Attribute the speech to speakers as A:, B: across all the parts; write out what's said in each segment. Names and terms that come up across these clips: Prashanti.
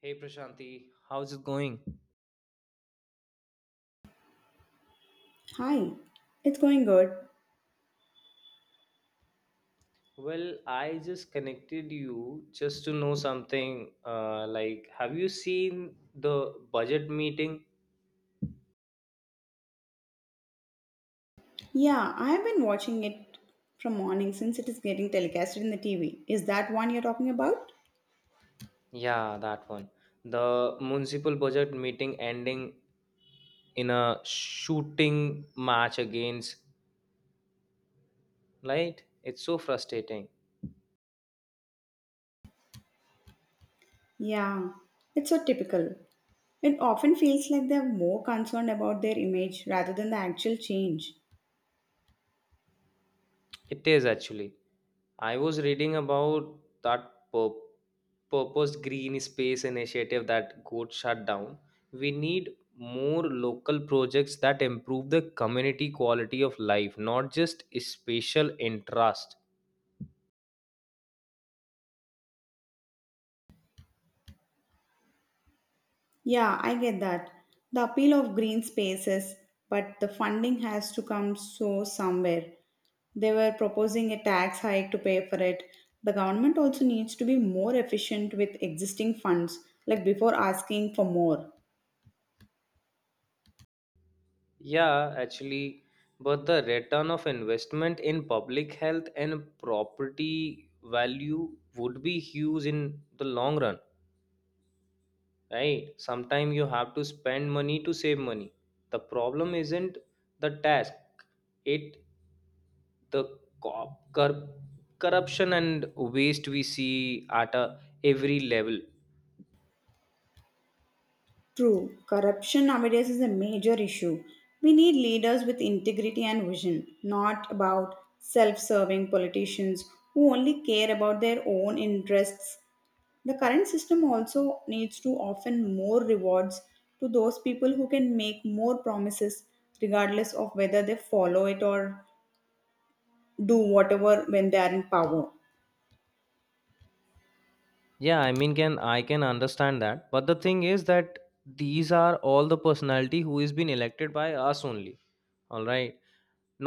A: Hey Prashanti, how's it going?
B: Hi, it's going good.
A: Well, I just connected you just to know something. Have you seen the budget meeting?
B: Yeah, I've been watching it from morning since it is getting telecasted in the TV. Is that one you're talking about?
A: Yeah, that one. The municipal budget meeting ending in a shooting match against, right? It's so frustrating.
B: Yeah, it's so typical. It often feels like they're more concerned about their image rather than the actual change.
A: It is actually. I was reading about that pur- purposed green space initiative that got shut down. We need more local projects that improve the community quality of life, not just spatial interest.
B: Yeah, I get that. The appeal of green spaces, but the funding has to come so somewhere. They were proposing a tax hike to pay for it. The government also needs to be more efficient with existing funds, like before asking for more.
A: Yeah, actually, but the return of investment in public health and property value would be huge in the long run. Right, sometimes you have to spend money to save money. The problem isn't the task it the co- cor- corruption and waste we see at a every level.
B: True, corruption nowadays is a major issue. We need leaders with integrity and vision, not about self serving politicians who only care about their own interests. The current system also needs to offer more rewards to those people who can make more promises, regardless of whether they follow it or do whatever when they are in power.
A: I can understand that, but the thing is that these are all the personality who is been elected by us only. All right,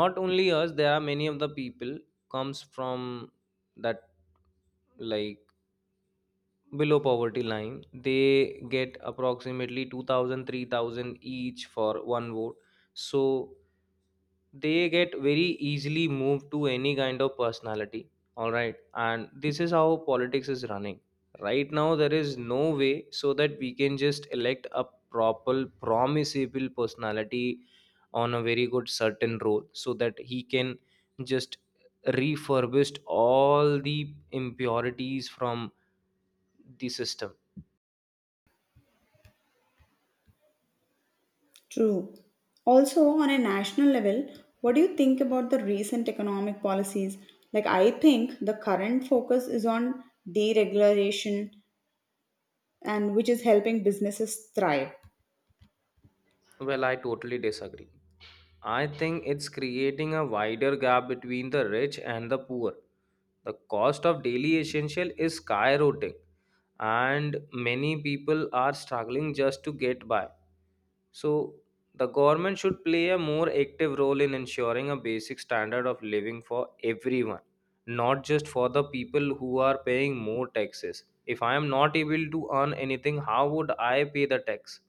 A: not only us, there are many of the people comes from that like below poverty line. They get approximately 2,000, 3,000 each for one vote. So they get very easily moved to any kind of personality, all right? And this is how politics is running right now. There is no way so that we can just elect a proper promisable personality on a very good certain role so that he can just refurbished all the impurities from the system.
B: True. Also, on a national level, what do you think about the recent economic policies? Like, I think the current focus is on deregulation and which is helping businesses thrive.
A: Well, I totally disagree. I think it's creating a wider gap between the rich and the poor. The cost of daily essential is skyrocketing and many people are struggling just to get by. So, the government should play a more active role in ensuring a basic standard of living for everyone, not just for the people who are paying more taxes. If I am not able to earn anything, how would I pay the tax?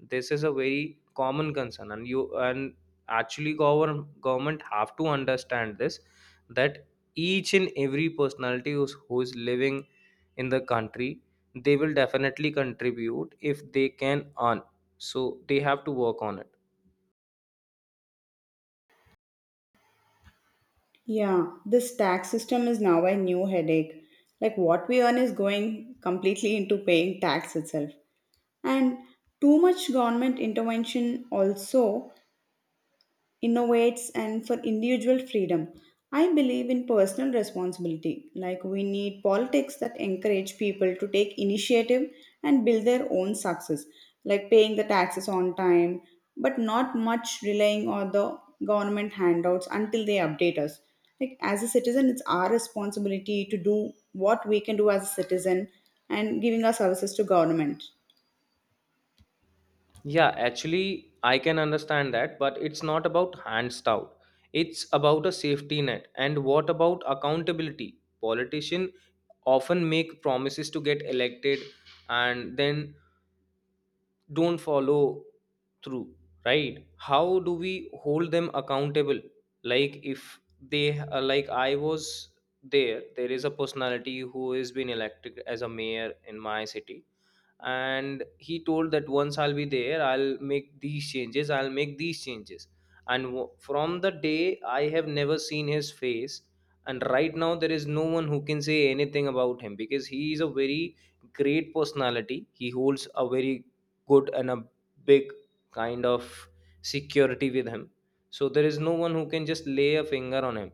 A: This is a very common concern, and you and actually govern, government have to understand this that each and every who is living in the country, they will definitely contribute if they can earn, so they have to work on it.
B: Yeah, this tax system is now a new headache. Like, what we earn is going completely into paying tax itself. And too much government intervention also innovates and for individual freedom. I believe in personal responsibility. Like, we need politics that encourage people to take initiative and build their own success, like paying the taxes on time, but not much relying on the government handouts until they update us. Like as a citizen, it's our responsibility to do what we can do as a citizen and giving our services to government.
A: Yeah, actually, I can understand that, but it's not about hands out, it's about a safety net. And what about accountability? Politicians often make promises to get elected and then don't follow through, right? How do we hold them accountable? Like, if they like I was there there is a personality who is been elected as a mayor in my city, and he told that once I'll be there I'll make these changes, I'll make these changes, from the day I have never seen his face. And right now there is no one who can say anything about him because he is a very great personality. He holds a very good and a big kind of security with him, so there is no one who can just lay a finger on him.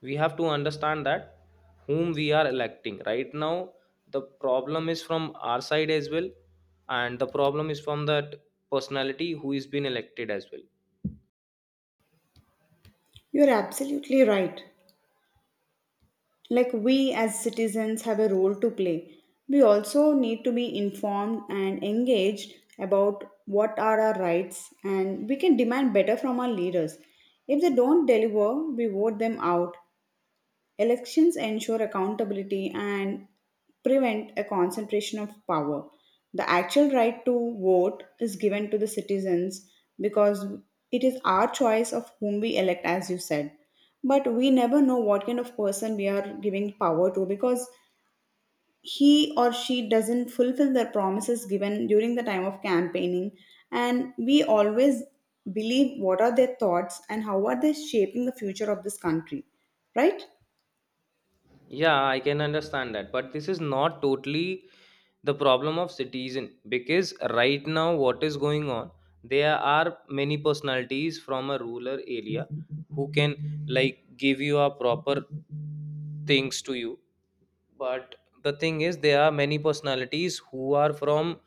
A: We have to understand that whom we are electing right now, the problem is from our side as well, and the problem is from that personality who is being elected as well.
B: You're absolutely right. Like, we as citizens have a role to play. We also need to be informed and engaged about what are our rights, and we can demand better from our leaders. If they don't deliver, we vote them out. Elections ensure accountability and prevent a concentration of power. The actual right to vote is given to the citizens because it is our choice of whom we elect, as you said. But we never know what kind of person we are giving power to, because he or she doesn't fulfill their promises given during the time of campaigning. And we always believe what are their thoughts and how are they shaping the future of this country, right?
A: Yeah, I can understand that, but this is not totally the problem of citizen. Because right now what is going on, there are many personalities from a rural area who can, like, give you a proper things to you. But the thing is, there are many personalities who are from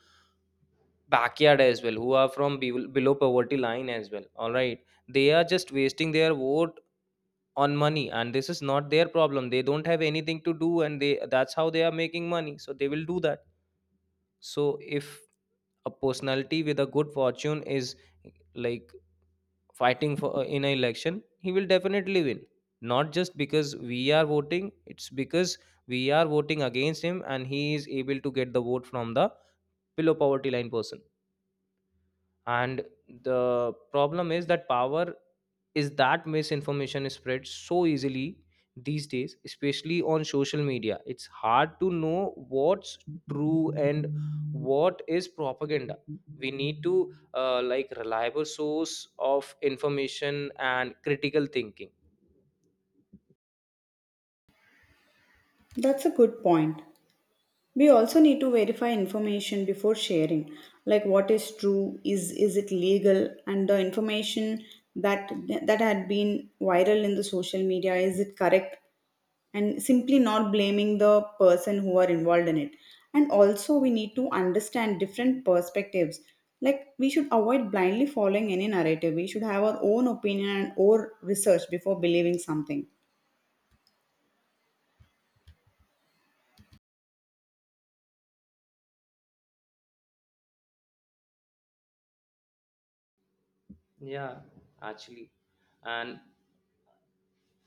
A: backyard as well, who are from below poverty line as well, all right? They are just wasting their vote on money, and this is not their problem. They don't have anything to do, and they that's how they are making money, so they will do that. So if a personality with a good fortune is, like, fighting for in an election, he will definitely win. Not just because we are voting, it's because we are voting against him, and he is able to get the vote from the below poverty line person. And the problem is that power is that misinformation is spread so easily these days, especially on social media. It's hard to know what's true and what is propaganda. We need to reliable source of information and critical thinking.
B: That's a good point. We also need to verify information before sharing, like what is true, is it legal, and the information that that had been viral in the social media, is it correct, and simply not blaming the person who are involved in it. And also, we need to understand different perspectives. Like, we should avoid blindly following any narrative. We should have our own opinion and or research before believing something.
A: Yeah, actually, and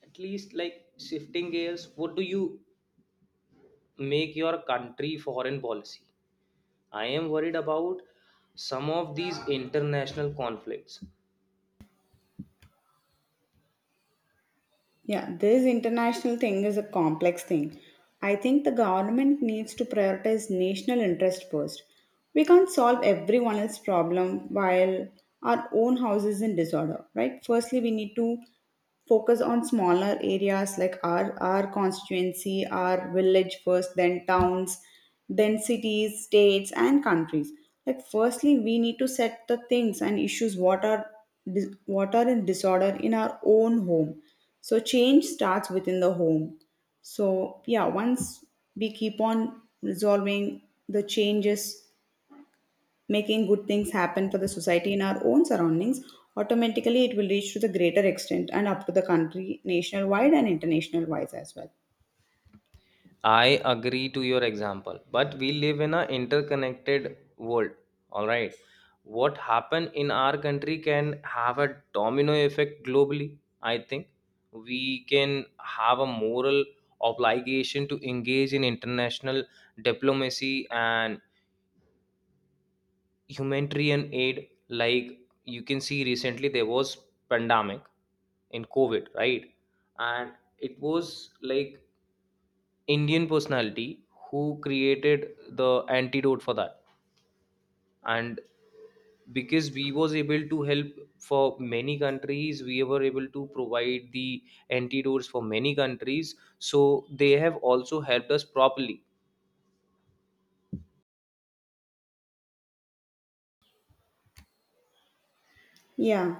A: at least, like, shifting gears, what do you make your country foreign policy? I am worried about some of these international conflicts.
B: Yeah, this international thing is a complex thing. I think the government needs to prioritize national interest first. We can't solve everyone else's problem while our own house is in disorder, right? Firstly, we need to focus on smaller areas like our constituency, our village first, then towns, then cities, states, and countries. Like, firstly, we need to set the things and issues what are what are in disorder in our own home, so change starts within the home. So yeah, once we keep on resolving the changes, making good things happen for the society in our own surroundings, automatically it will reach to the greater extent and up to the country, national wide and international wise as well.
A: I agree to your example, but we live in an interconnected world. All right. What happen in our country can have a domino effect globally. I think we can have a moral obligation to engage in international diplomacy and humanitarian aid. Like, you can see recently there was pandemic in COVID, right? And it was like indian personality who created the antidote for that. And because we was able to help for many countries, we were able to provide the antidotes for many countries, so they have also helped us properly.
B: Yeah.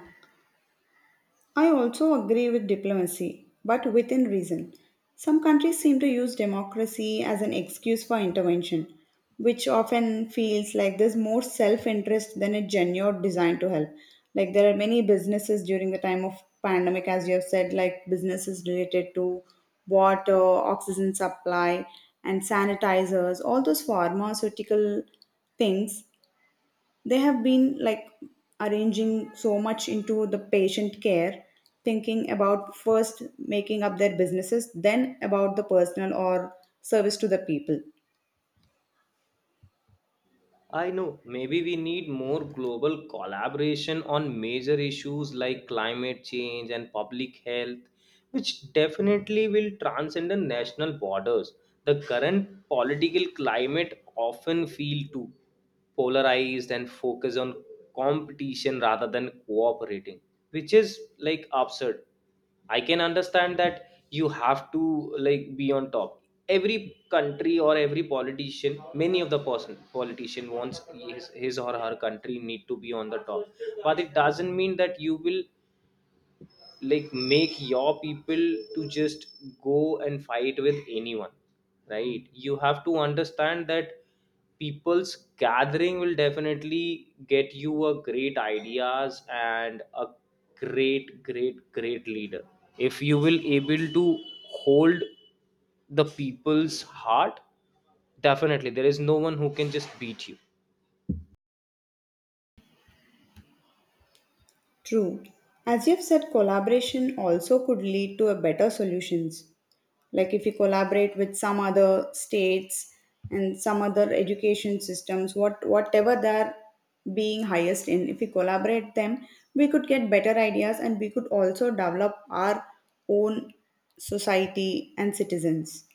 B: I also agree with diplomacy, but within reason. Some countries seem to use democracy as an excuse for intervention, which often feels like there's more self interest than a genuine design to help. Like, there are many businesses during the time of pandemic, as you have said, like businesses related to water, oxygen supply, and sanitizers, all those pharmaceutical things. They have been like arranging so much into the patient care, thinking about first making up their businesses then about the personal or service to the people.
A: I know. Maybe we need more global collaboration on major issues like climate change and public health, which definitely will transcend the national borders. The current political climate often feel too polarized and focus on competition rather than cooperating, which is like absurd. I can understand that you have to, like, be on top. Every country or every politician many of the person politician wants his or her country need to be on the top. But it doesn't mean that you will, like, make your people to just go and fight with anyone, right? You have to understand that people's gathering will definitely get you a great ideas and a great leader. If you will able to hold the people's heart, definitely there is no one who can just beat you.
B: True. As you've said, collaboration also could lead to a better solutions. Like, if you collaborate with some other states and some other education systems, what whatever they're being highest in, if we collaborate them, we could get better ideas and we could also develop our own society and citizens.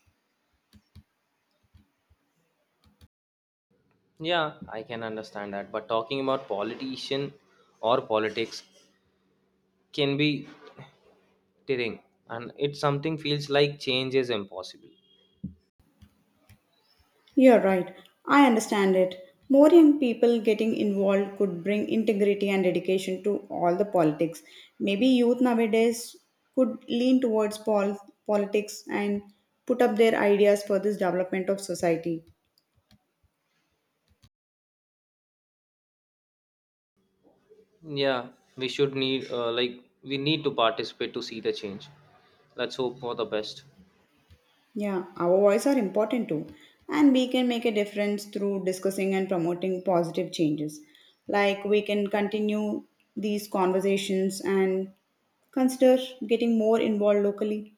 A: Yeah, I can understand that, but talking about politician or politics can be tearing, and it's something feels like change is impossible.
B: You're right. I understand it. More young people getting involved could bring integrity and dedication to all the politics. Maybe youth nowadays could lean towards politics and put up their ideas for this development of society.
A: Yeah, we should need like we need to participate to see the change. Let's hope for the best.
B: Yeah, our voice are important too. And we can make a difference through discussing and promoting positive changes. Like, we can continue these conversations and consider getting more involved locally.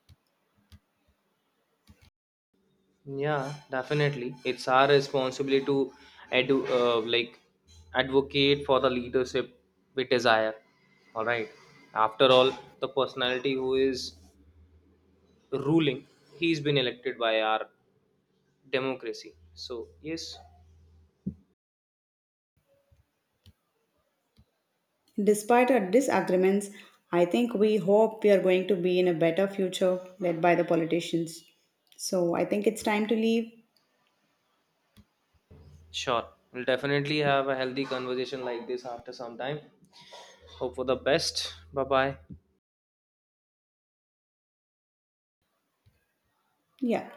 A: Yeah, definitely, it's our responsibility to edu- uh, like advocate for the leadership we desire, all right? After all, the personality who is ruling, he's been elected by our democracy, so yes.
B: Despite our disagreements, I think we hope we are going to be in a better future led by the politicians. So I think it's time to leave.
A: Sure, we'll definitely have a healthy conversation like this after some time. Hope for the best. Bye bye.
B: Yeah.